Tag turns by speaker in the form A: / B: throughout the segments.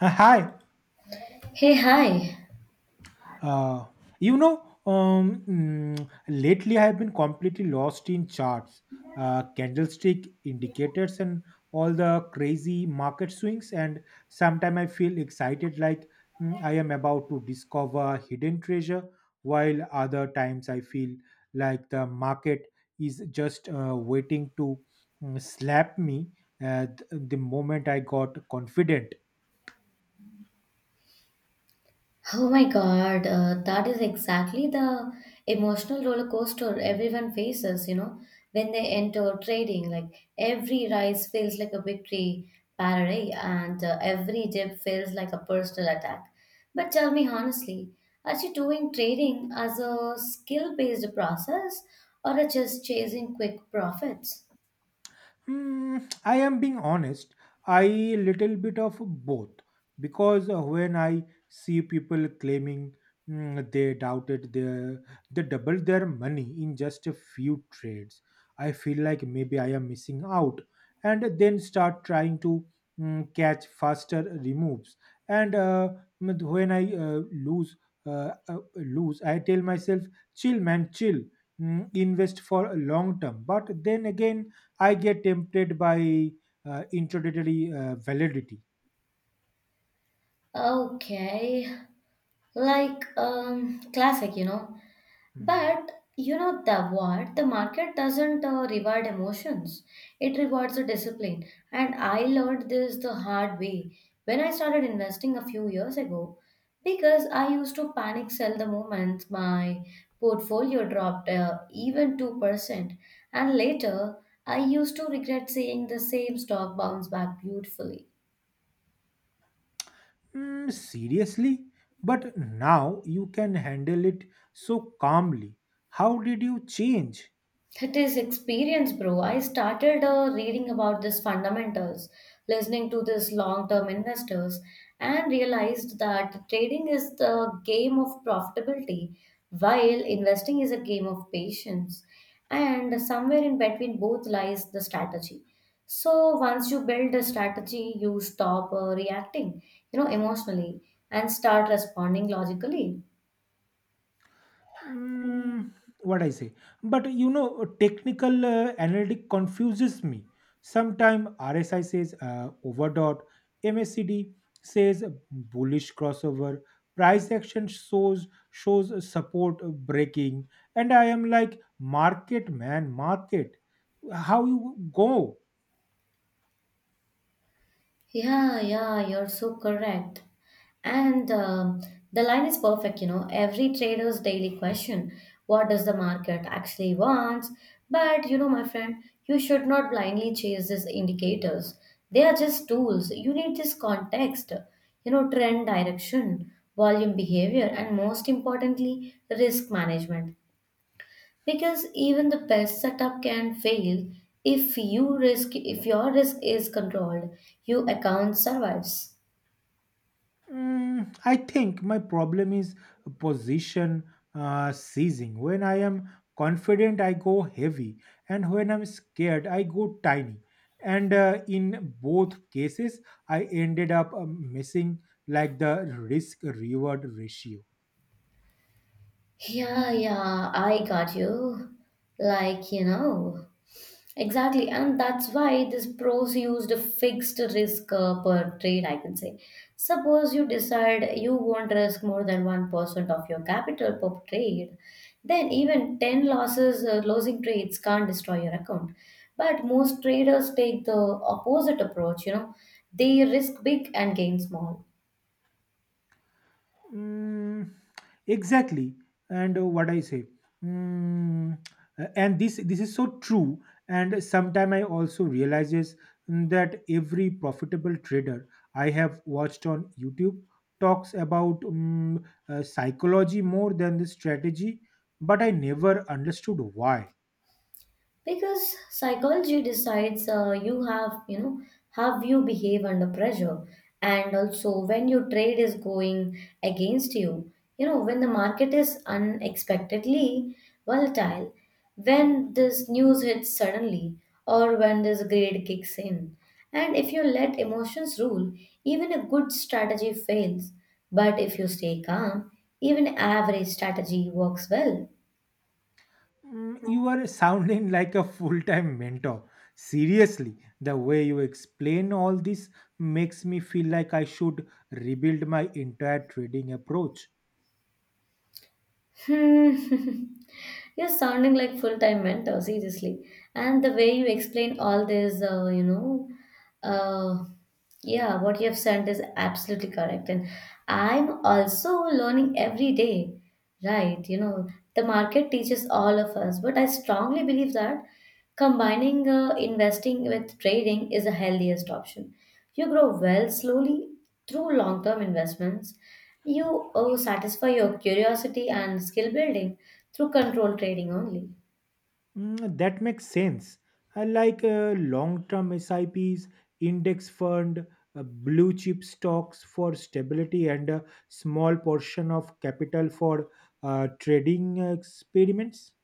A: Hi.
B: Hey, hi.
A: Uh, Lately I have been completely lost in charts, candlestick indicators, and all the crazy market swings. And sometimes I feel excited, like I am about to discover hidden treasure, while other times I feel like the market is just waiting to slap me. The moment I got confident.
B: Oh my God, that is exactly the emotional roller coaster everyone faces, you know, when they enter trading. Like every rise feels like a victory parade, and every dip feels like a personal attack. But tell me honestly, are you doing trading as a skill-based process or are you just chasing quick profits?
A: Hmm, I am being honest. I little bit of both because when I see people claiming mm, they doubted their they doubled their money in just a few trades, I feel like maybe I am missing out, and then start trying to catch faster removes. And when I lose, uh, uh, lose, I tell myself, "Chill, man, chill. Invest for long term." But then again I get tempted by introductory validity.
B: Okay, like classic, you know.
A: Hmm.
B: But you know the what? The market doesn't reward emotions; it rewards the discipline. And I learned this the hard way when I started investing a few years ago, because I used to panic sell the moment my portfolio dropped even 2%, and later I used to regret seeing the same stock bounce back beautifully.
A: Seriously? But now you can handle it so calmly. How did you change?
B: That is experience, bro. I started reading about this fundamentals, listening to this long-term investors, and realized that trading is the game of profitability, while investing is a game of patience. And somewhere in between both lies the strategy. So once you build a strategy, you stop reacting, you know, emotionally, and start responding logically.
A: Mm, what I say. But technical analytic confuses me. Sometimes RSI says overdot, MACD says bullish crossover, price action shows support breaking, and I am like market man, market. How you go?
B: Yeah, yeah, you're so correct. And the line is perfect, you know. Every trader's daily question, what does the market actually want? But you know, my friend, you should not blindly chase these indicators. They are just tools. You need this context, you know, trend direction, volume behavior, and most importantly, risk management because even the best setup can fail if your risk is controlled, your account survives.
A: I think my problem is position seizing. When I am confident, I go heavy, and when I'm scared, I go tiny. And in both cases, I ended up missing like the risk reward ratio.
B: Yeah, yeah, I got you, like, you know. Exactly, and that's why this pros used a fixed risk per trade, I can say. Suppose you decide you won't risk more than 1% of your capital per trade, then even 10 losses, losing trades can't destroy your account. But most traders take the opposite approach, you know, they risk big and gain small.
A: Mm, exactly, and what I say. Mm, and this is so true. And sometime I also realizes that every profitable trader I have watched on YouTube talks about psychology more than the strategy, but I never understood why.
B: Because psychology decides you know how you behave under pressure, and also when your trade is going against you, you know, when the market is unexpectedly volatile, when this news hits suddenly or when this grade kicks in. And if you let emotions rule, even a good strategy fails, but if you stay calm, even average strategy works well.
A: You are sounding like a full-time mentor. Seriously, the way you explain all this makes me feel like I should rebuild my entire trading approach.
B: Hmm. You're sounding like full-time mentor, seriously. And the way you explain all this, uh, yeah, what you have sent is absolutely correct. And I'm also learning every day, right? You know, the market teaches all of us, but I strongly believe that combining investing with trading is the healthiest option. You grow well slowly through long term investments. You satisfy your curiosity and skill building through controlled trading only.
A: That makes sense. I like long-term sips, index fund, uh, blue chip stocks for stability and a small portion of capital for trading experiments.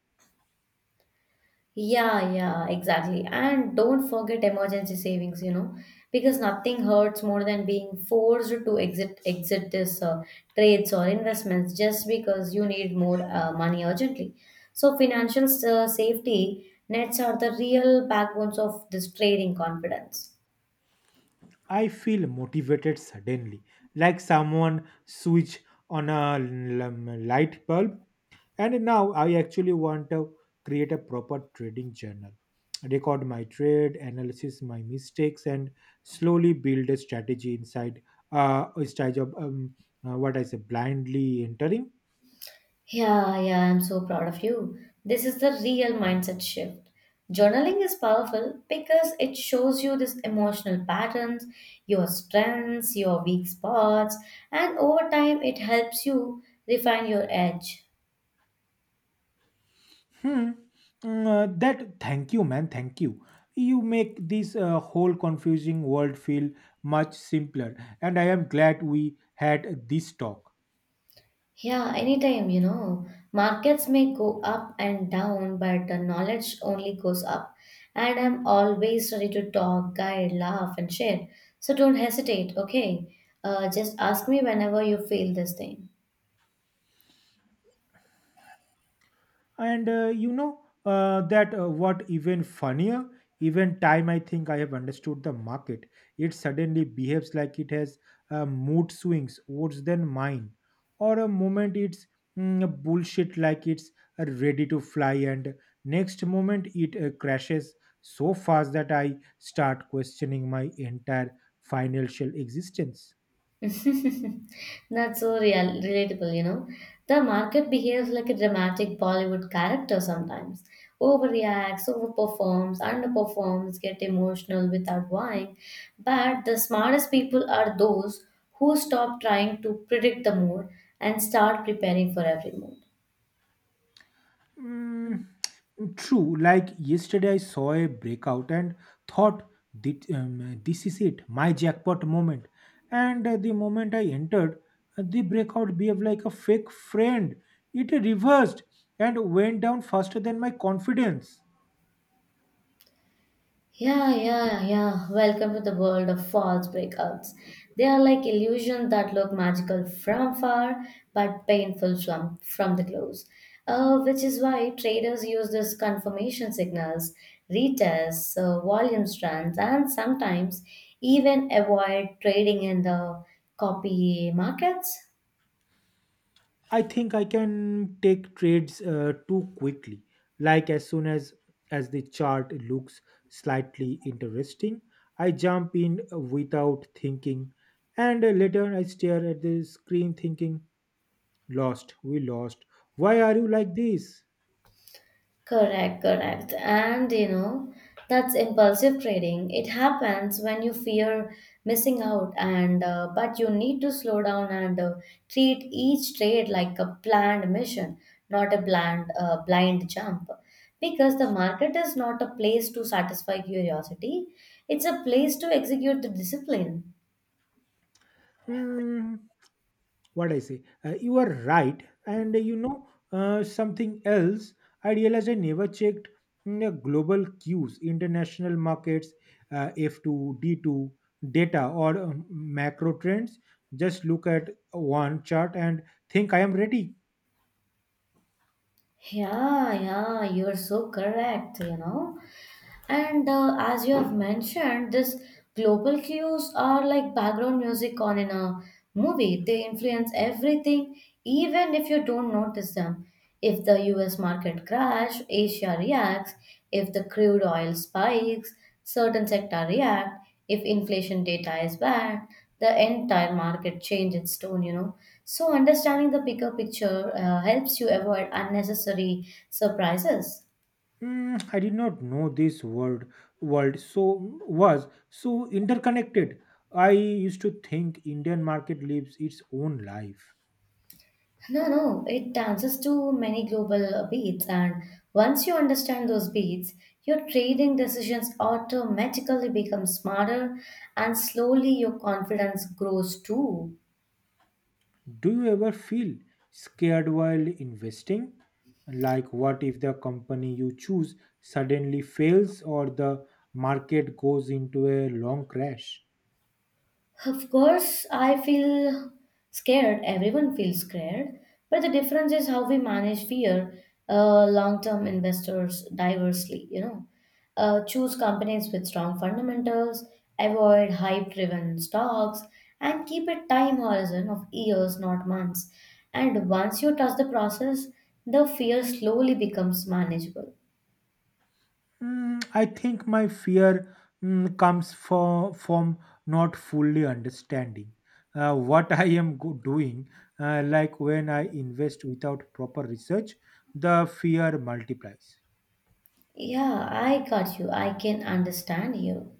B: Yeah, yeah, exactly. And don't forget emergency savings, you know, because nothing hurts more than being forced to exit this trades or investments just because you need more money urgently. So financial safety nets are the real backbones of this trading confidence.
A: I feel motivated suddenly, like someone switch on a light bulb. And now I actually want to create a proper trading journal, record my trade, analysis my mistakes, and slowly build a strategy inside instead of what I say blindly entering.
B: Yeah, yeah, I'm so proud of you. This is the real mindset shift. Journaling is powerful because it shows you these emotional patterns, your strengths, your weak spots, and over time it helps you refine your edge.
A: Hmm. Mm, that Thank you, man. Thank you. You make this whole confusing world feel much simpler, and I am glad we had this talk.
B: Yeah, anytime, you know. Markets may go up and down, but the knowledge only goes up. And I'm always ready to talk, guide, laugh, and share. So don't hesitate, okay? Just ask me whenever you feel this thing.
A: And you know that what even funnier, even time I think I have understood the market, it suddenly behaves like it has mood swings worse than mine. Or a moment it's bullshit like it's ready to fly and next moment it crashes so fast that I start questioning my entire financial existence.
B: Not so real, relatable, you know. The market behaves like a dramatic Bollywood character sometimes. Overreacts, overperforms, underperforms, get emotional without why. But the smartest people are those who stop trying to predict the mood and start preparing for every mood.
A: Mm, True. Like yesterday, I saw a breakout and thought, This is it, my jackpot moment. And the moment I entered, the breakout behaved like a fake friend. It reversed and went down faster than my confidence."
B: Yeah, yeah, yeah. Welcome to the world of false breakouts. They are like illusions that look magical from far but painful from the close. Which is why traders use these confirmation signals, retests, volume strands, and sometimes even avoid trading in the copy markets.
A: I think I can take trades too quickly. Like as soon as the chart looks slightly interesting, I jump in without thinking, and later I stare at the screen thinking, "Lost, we lost. Why are you like this?"
B: Correct, correct. And you know, that's impulsive trading. It happens when you fear missing out, and but you need to slow down and treat each trade like a planned mission, not a blind jump. Because the market is not a place to satisfy curiosity, it's a place to execute the discipline.
A: Hmm, what I say. You are right, and something else. I realized I never checked global cues, international markets, F two, D two data or macro trends. Just look at one chart and think I am ready.
B: Yeah, yeah, you're so correct, you know. And as you have mentioned, these global cues are like background music on in a movie. They influence everything, even if you don't notice them. If the US market crash, Asia reacts. If the crude oil spikes, certain sector react. If inflation data is bad, the entire market change its tone, you know. So understanding the bigger picture helps you avoid unnecessary surprises.
A: I did not know this word world so was so interconnected. I used to think Indian market lives its own life.
B: No, no, it dances to many global beats, and once you understand those beats, your trading decisions automatically become smarter, and slowly your confidence grows too.
A: Do you ever feel scared while investing? Like, what if the company you choose suddenly fails or the market goes into a long crash?
B: Of course, I feel scared. Everyone feels scared. But the difference is how we manage fear, long term investors diversely, you know. Choose companies with strong fundamentals, avoid hype driven stocks, and keep a time horizon of years, not months. And once you trust the process, the fear slowly becomes manageable.
A: I think my fear comes from not fully understanding what I am doing. Like, when I invest without proper research, the fear multiplies.
B: Yeah, I got you. I can understand you.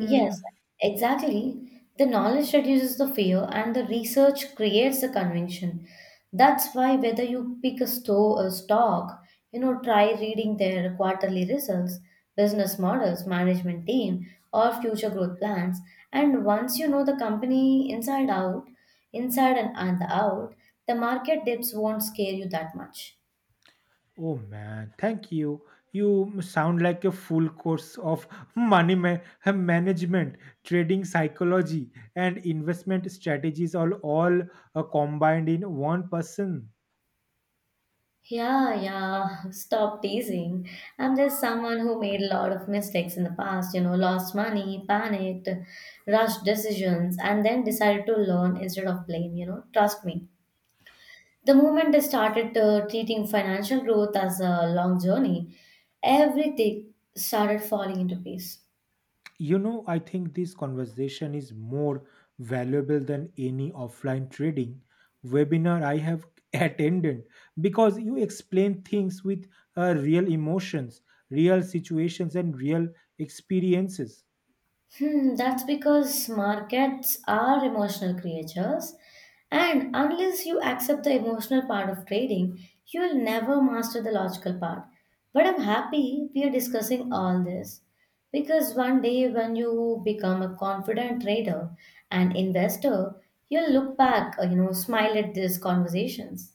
B: Yes, exactly. The knowledge reduces the fear and the research creates the conviction. That's why whether you pick a stock, you know, try reading their quarterly results, business models, management team, or future growth plans. And once you know the company inside out, inside and out, the market dips won't scare you that much.
A: Oh man, thank you. You sound like a full course of money management, trading psychology, and investment strategies, all combined in one person.
B: Yeah, yeah, stop teasing. I'm just someone who made a lot of mistakes in the past, you know, lost money, panicked, rushed decisions, and then decided to learn instead of blame, you know. Trust me. The moment I started treating financial growth as a long journey, everything started falling into place.
A: I think this conversation is more valuable than any offline trading webinar I have attended because you explain things with real emotions, real situations, and real experiences.
B: Hmm, that's because markets are emotional creatures, and unless you accept the emotional part of trading, you will never master the logical part. But I'm happy we are discussing all this because one day when you become a confident trader and investor, you'll look back, you know, smile at these conversations.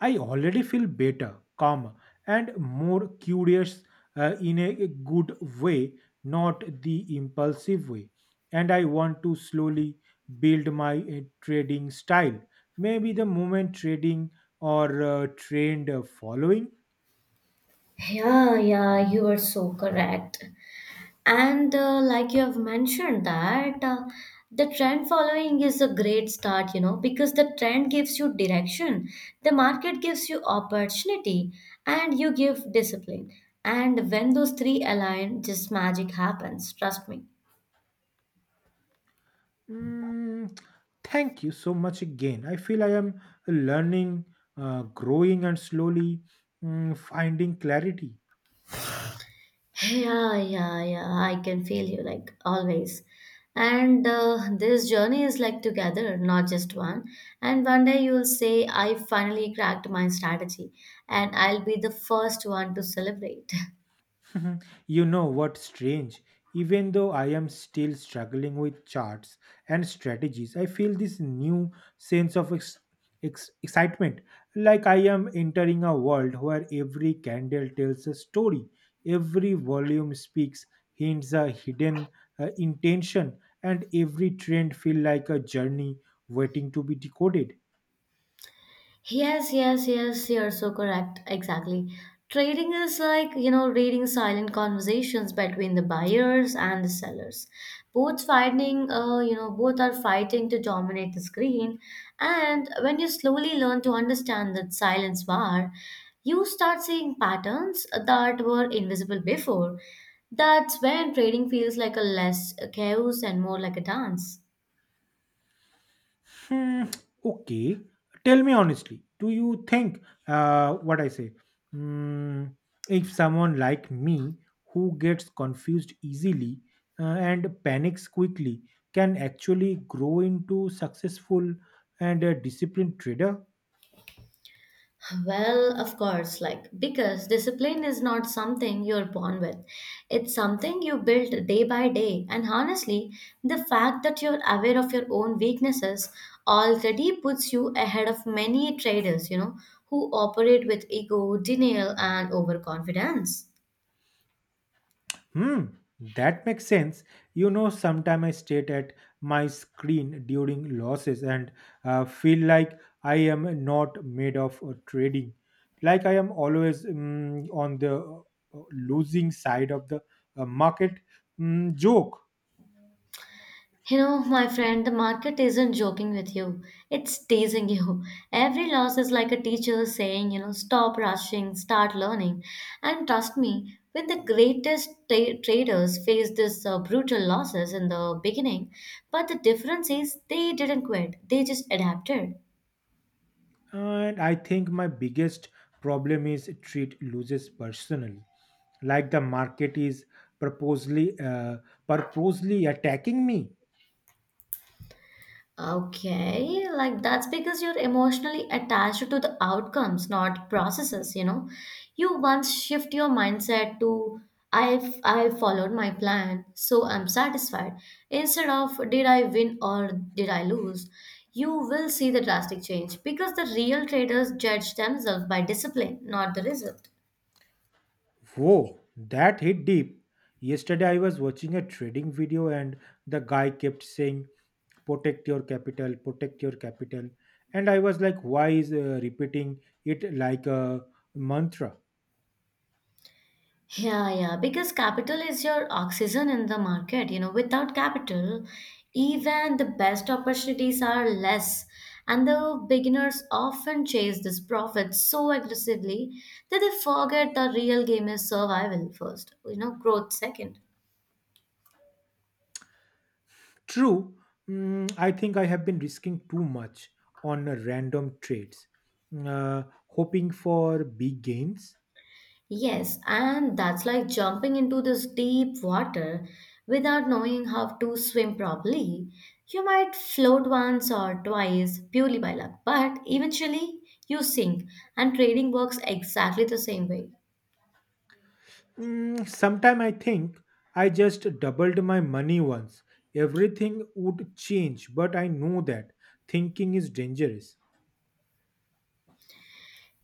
A: I already feel better, calmer, and more curious in a good way, not the impulsive way. And I want to slowly build my trading style. Maybe the moment trading or trend following.
B: Yeah, yeah, you are so correct. And like you have mentioned that the trend following is a great start, you know, because the trend gives you direction, the market gives you opportunity, and you give discipline. And when those three align, just magic happens. Trust me.
A: Mm, Thank you so much again. I feel I am learning, growing, and slowly finding clarity.
B: Yeah, yeah, yeah. I can feel you like always. And this journey is like together, not just one. And one day you'll say, I finally cracked my strategy, and I'll be the first one to celebrate.
A: You know what's strange? Even though I am still struggling with charts and strategies, I feel this new sense of excitement. Like I am entering a world where every candle tells a story, every volume speaks, hints a hidden intention, and every trend feels like a journey waiting to be decoded.
B: Yes, yes, yes, you're so correct. Exactly. Trading is like, you know, reading silent conversations between the buyers and the sellers. Both fighting, you know, both are fighting to dominate the screen. And when you slowly learn to understand that silence war, you start seeing patterns that were invisible before. That's when trading feels like a less chaos and more like a dance.
A: Hmm, okay. Tell me honestly, do you think what I say? Hmm, if someone like me who gets confused easily uh, and panics quickly can actually grow into successful and a disciplined trader?
B: Well, of course, like because discipline is not something you're born with. It's something you build day by day. And honestly, the fact that you're aware of your own weaknesses already puts you ahead of many traders, you know, who operate with ego, denial, and overconfidence.
A: Hmm, that makes sense. Sometimes I state at my screen during losses and feel like I am not made of trading. Like I am always on the losing side of the market joke.
B: You know, my friend, the market isn't joking with you. It's teasing you. Every loss is like a teacher saying, you know, stop rushing, start learning. And trust me, when the greatest traders face this brutal losses in the beginning, but the difference is they didn't quit. They just adapted.
A: And I think my biggest problem is treat losses personally. Like the market is purposely uh, purposely attacking me.
B: Okay, like that's because you're emotionally attached to the outcomes, not processes, you know. You once shift your mindset to I followed my plan, so I'm satisfied. Instead of did I win or did I lose, you will see the drastic change because the real traders judge themselves by discipline, not the result.
A: Whoa, that hit deep. Yesterday I was watching a trading video and the guy kept saying, "Protect your capital, protect your capital." And I was like, why is repeating it like a mantra?
B: Yeah, yeah, because capital is your oxygen in the market. You know, without capital, even the best opportunities are less. And the beginners often chase this profit so aggressively that they forget the real game is survival first, you know, growth second.
A: True. I think I have been risking too much on random trades, uh, hoping for big gains.
B: Yes, and that's like jumping into this deep water without knowing how to swim properly. You might float once or twice purely by luck, but eventually you sink, and trading works exactly the same way.
A: Sometime I think I just doubled my money once. Everything would change, but I know that thinking is dangerous.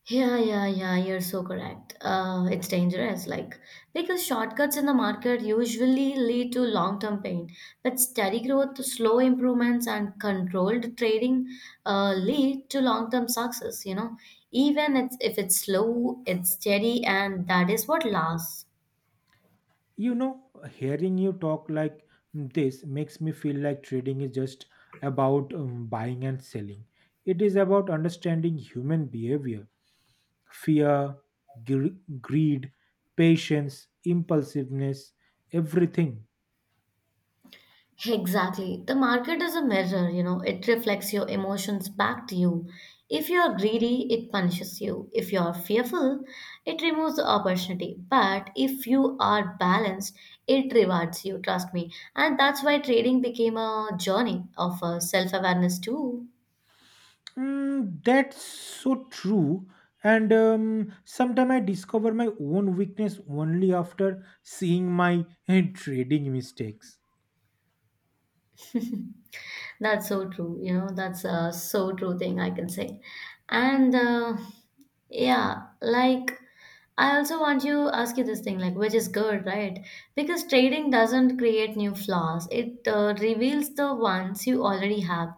B: Yeah, yeah, yeah, you're so correct. It's dangerous, like, because shortcuts in the market usually lead to long-term pain, but steady growth, slow improvements, and controlled trading lead to long-term success, you know. If it's slow, it's steady, and that is what lasts.
A: Hearing you talk like this makes me feel like trading is just about buying and selling. It is about understanding human behavior, fear, greed, patience, impulsiveness, everything.
B: Exactly. The market is a mirror, you know, it reflects your emotions back to you. If you are greedy, it punishes you. If you are fearful, it removes the opportunity. But if you are balanced, it rewards you, trust me. And that's why trading became a journey of self awareness, too.
A: That's so true. And sometimes I discover my own weakness only after seeing my trading mistakes.
B: That's so true. You know, that's a so true thing I can say. And yeah, like I also want you ask you this thing, like which is good, right? Because trading doesn't create new flaws. It reveals the ones you already have.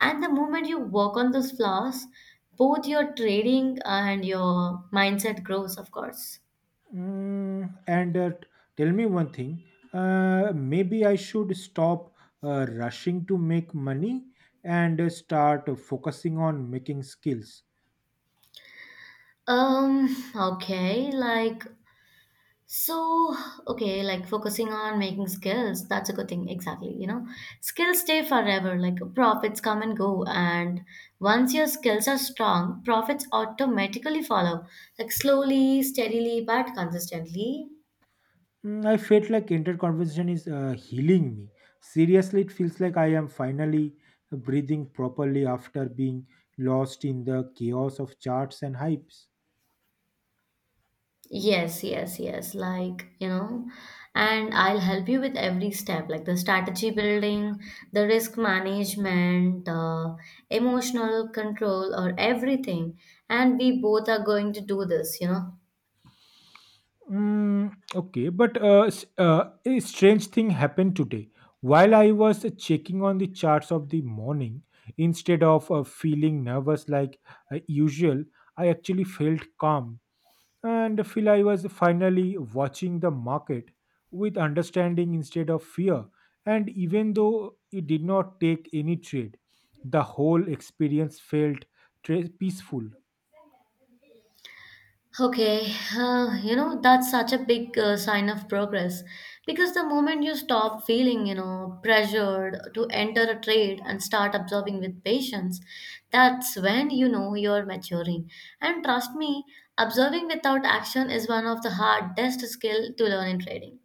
B: And the moment you work on those flaws, both your trading and your mindset grows, of course.
A: And tell me one thing. Maybe I should stop rushing to make money and start focusing on making skills.
B: Um, okay, like So, okay, like focusing on making skills, that's a good thing, exactly. You know, skills stay forever, like profits come and go. And once your skills are strong, profits automatically follow, like slowly, steadily, but consistently.
A: I felt like entire conversation is healing me. Seriously, it feels like I am finally breathing properly after being lost in the chaos of charts and hypes.
B: Yes, yes, yes. Like, you know, and I'll help you with every step, like the strategy building, the risk management, emotional control, or everything. And we both are going to do this, you know.
A: Okay, but a strange thing happened today. While I was checking on the charts of the morning, instead of feeling nervous like usual, I actually felt calm. And feel I was finally watching the market with understanding instead of fear. And even though it did not take any trade, the whole experience felt peaceful.
B: Okay, you know, that's such a big sign of progress because the moment you stop feeling, you know, pressured to enter a trade and start observing with patience, that's when you know you're maturing. And trust me, observing without action is one of the hardest skill to learn in trading.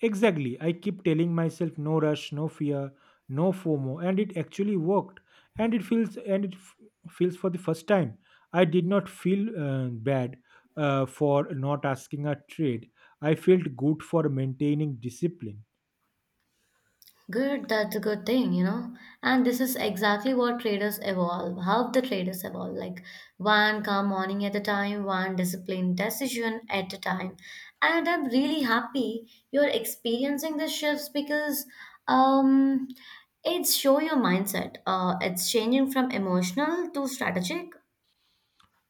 A: Exactly, I keep telling myself no rush, no fear, no FOMO, and it actually worked. And it feels and it f- feels for the first time. I did not feel bad for not asking a trade. I felt good for maintaining discipline.
B: Good, that's a good thing, you know. And this is exactly what traders evolve, how the traders evolve. Like one calm morning at a time, one disciplined decision at a time. And I'm really happy you're experiencing the shifts because um it's show your mindset. It's changing from emotional to strategic.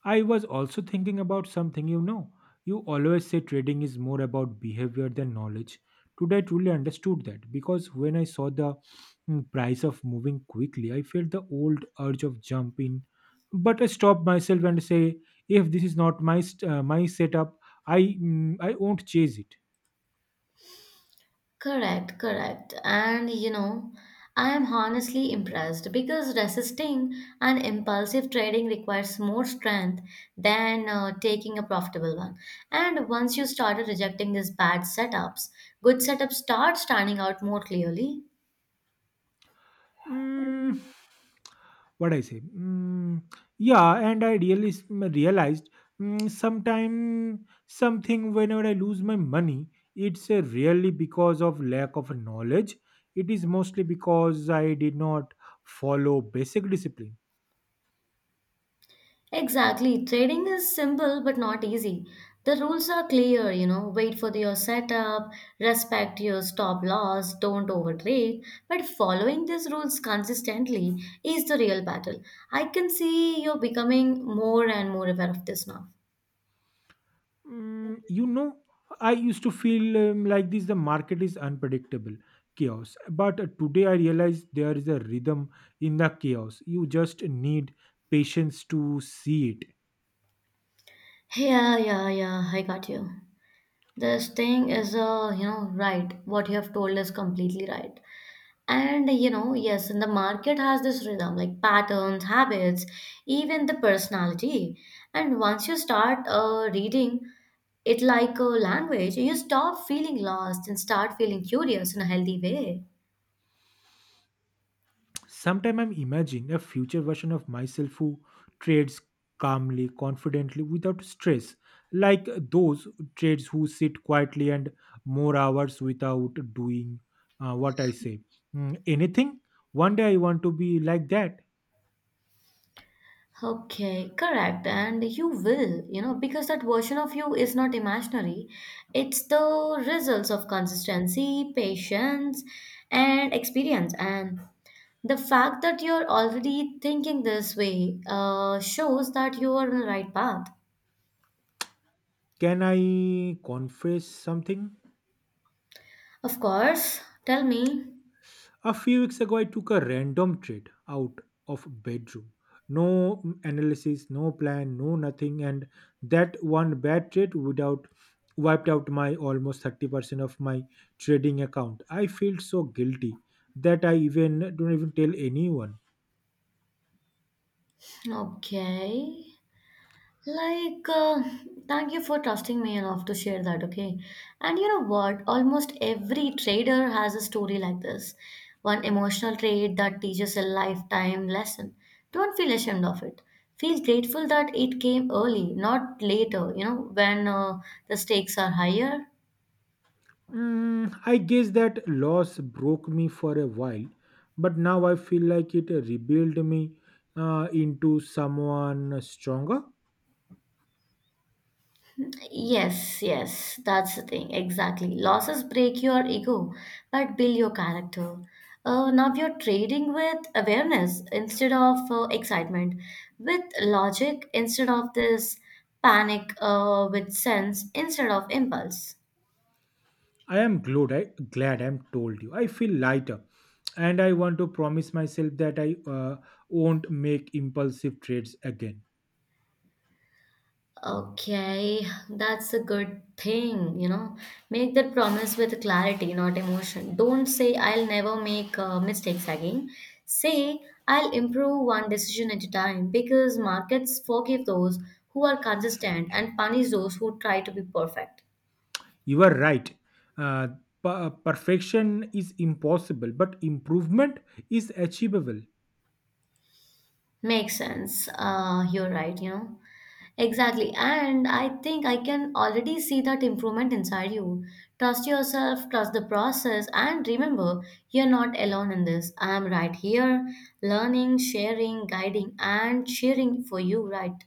A: I was also thinking about something you know. You always say trading is more about behavior than knowledge. Today, I truly understood that because when I saw the price of moving quickly, I felt the old urge of jump in. But I stopped myself and say, "If this is not my my setup, I won't chase it."
B: Correct, correct. And you know, I am honestly impressed because resisting an impulsive trading requires more strength than taking a profitable one. And once you started rejecting these bad setups, good setups start standing out more clearly.
A: Mm, what I say? Yeah, and I really realized mm, sometime something whenever I lose my money, it's really because of lack of knowledge. It is mostly because I did not follow basic discipline.
B: Exactly. Trading is simple but not easy. The rules are clear, you know, wait for your setup, respect your stop loss, don't overtrade. But following these rules consistently is the real battle. I can see you're becoming more and more aware of this now.
A: Mm, you know, I used to feel like this the market is unpredictable chaos, but today I realize there is a rhythm in the chaos. You just need patience to see it.
B: Yeah, yeah, yeah, I got you. This thing is, you know, right. What you have told is completely right. And you know, yes, and the market has this rhythm like patterns, habits, even the personality. And once you start reading it like a language, you stop feeling lost and start feeling curious in a healthy way.
A: Sometimes I'm imagining a future version of myself who trades calmly, confidently, without stress, like those trades who sit quietly and more hours without doing what I say. Anything? One day I want to be like that.
B: Okay, correct. And you will, you know, because that version of you is not imaginary. It's the results of consistency, patience, and experience. And the fact that you're already thinking this way shows that you are on the right path.
A: Can I confess something?
B: Of course, tell me.
A: A few weeks ago, I took a random trade out of bedroom. No analysis, no plan, no nothing, and that one bad trade without wiped out my almost 30% of my trading account. I feel so guilty that I even don't even tell anyone.
B: Okay. Like, uh, thank you for trusting me enough to share that, okay? And you know what? Almost every trader has a story like this. One emotional trait that teaches a lifetime lesson. Don't feel ashamed of it. Feel grateful that it came early, not later, you know, when the stakes are higher.
A: I guess that loss broke me for a while, but now I feel like it rebuilt me into someone stronger.
B: Yes, yes, that's the thing. Exactly. Losses break your ego, but build your character. Now you're trading with awareness instead of excitement, with logic instead of this panic, with sense instead of impulse.
A: I am glad I'm told you. I feel lighter, and I want to promise myself that I won't make impulsive trades again.
B: Okay, that's a good thing, you know. Make that promise with clarity, not emotion. Don't say, I'll never make mistakes again. Say, I'll improve one decision at a time because markets forgive those who are consistent and punish those who try to be perfect.
A: You are right. Uh, Perfection is impossible, but improvement is achievable.
B: Makes sense. You're right, you know. Exactly. And I think I can already see that improvement inside you. Trust yourself, trust the process, and remember, you're not alone in this. I'm right here, learning, sharing, guiding, and cheering for you, right?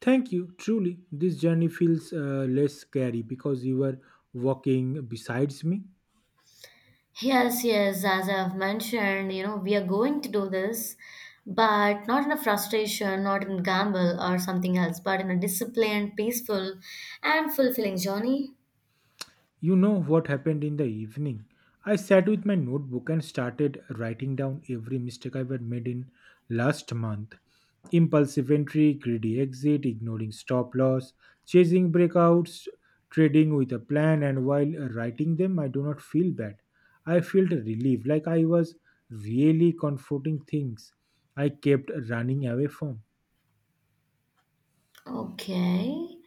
A: Thank you. Truly, this journey feels less scary because you were walking besides me.
B: Yes, yes, as I've mentioned, you know, we are going to do this, but not in a frustration, not in gamble or something else, but in a disciplined, peaceful, and fulfilling journey.
A: You know what happened in the evening? I sat with my notebook and started writing down every mistake I had made in last month. Impulsive entry, greedy exit, ignoring stop loss, chasing breakouts, trading with a plan, and while writing them, I do not feel bad. I felt relieved, like I was really comforting things I kept running away from.
B: Okay.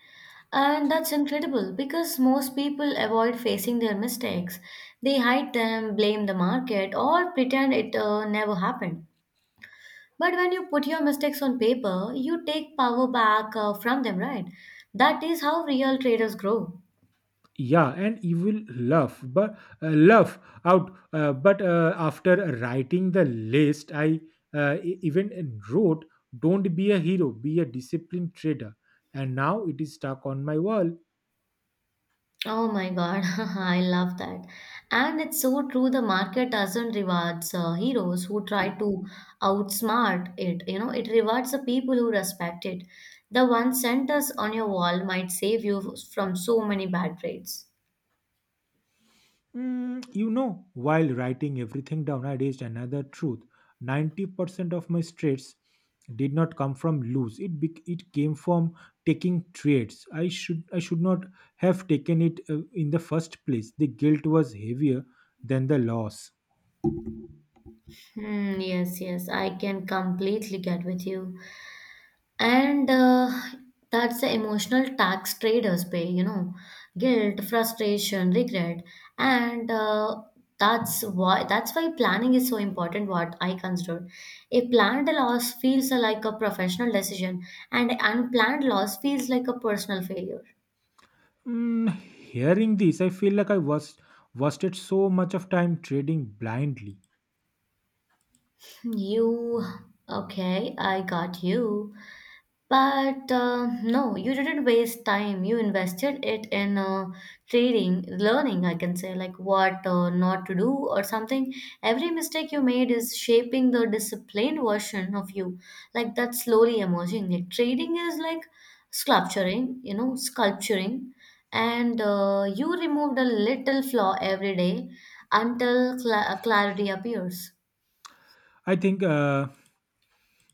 B: And that's incredible because most people avoid facing their mistakes. They hide them, blame the market, or pretend it never happened. But when you put your mistakes on paper, you take power back from them, right? That is how real traders grow.
A: Yeah, and evil laugh, but laugh out, but after writing the list I even wrote, "Don't be a hero, be a disciplined trader," and now it is stuck on my wall.
B: Oh my God, I love that. And it's so true, the market doesn't rewards heroes who try to outsmart it. You know, it rewards the people who respect it. The one sentence on your wall might save you from so many bad trades.
A: While writing everything down, I reached another truth. 90% of my traits did not come from lose. It came from taking trades. I should not have taken it in the first place. The guilt was heavier than the loss.
B: Hmm, yes, yes, I can completely get with you. And That's the emotional tax traders pay, you know, guilt, frustration, regret. And That's why planning is so important. What I consider a planned loss feels like a professional decision, and unplanned loss feels like a personal failure.
A: Hearing this, I feel like I was wasted so much of time trading blindly.
B: You okay, I got you. But no, you didn't waste time. You invested it in trading, learning, I can say, like what not to do or something. Every mistake you made is shaping the disciplined version of you, like that's slowly emerging. Like, trading is like sculpturing, you know, sculpturing. And you removed a little flaw every day until clarity appears.
A: I think,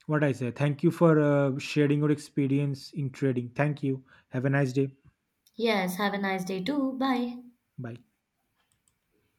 A: what I say. Thank you for sharing your experience in trading. Thank you. Have a nice day.
B: Yes, have a nice day too. Bye.
A: Bye.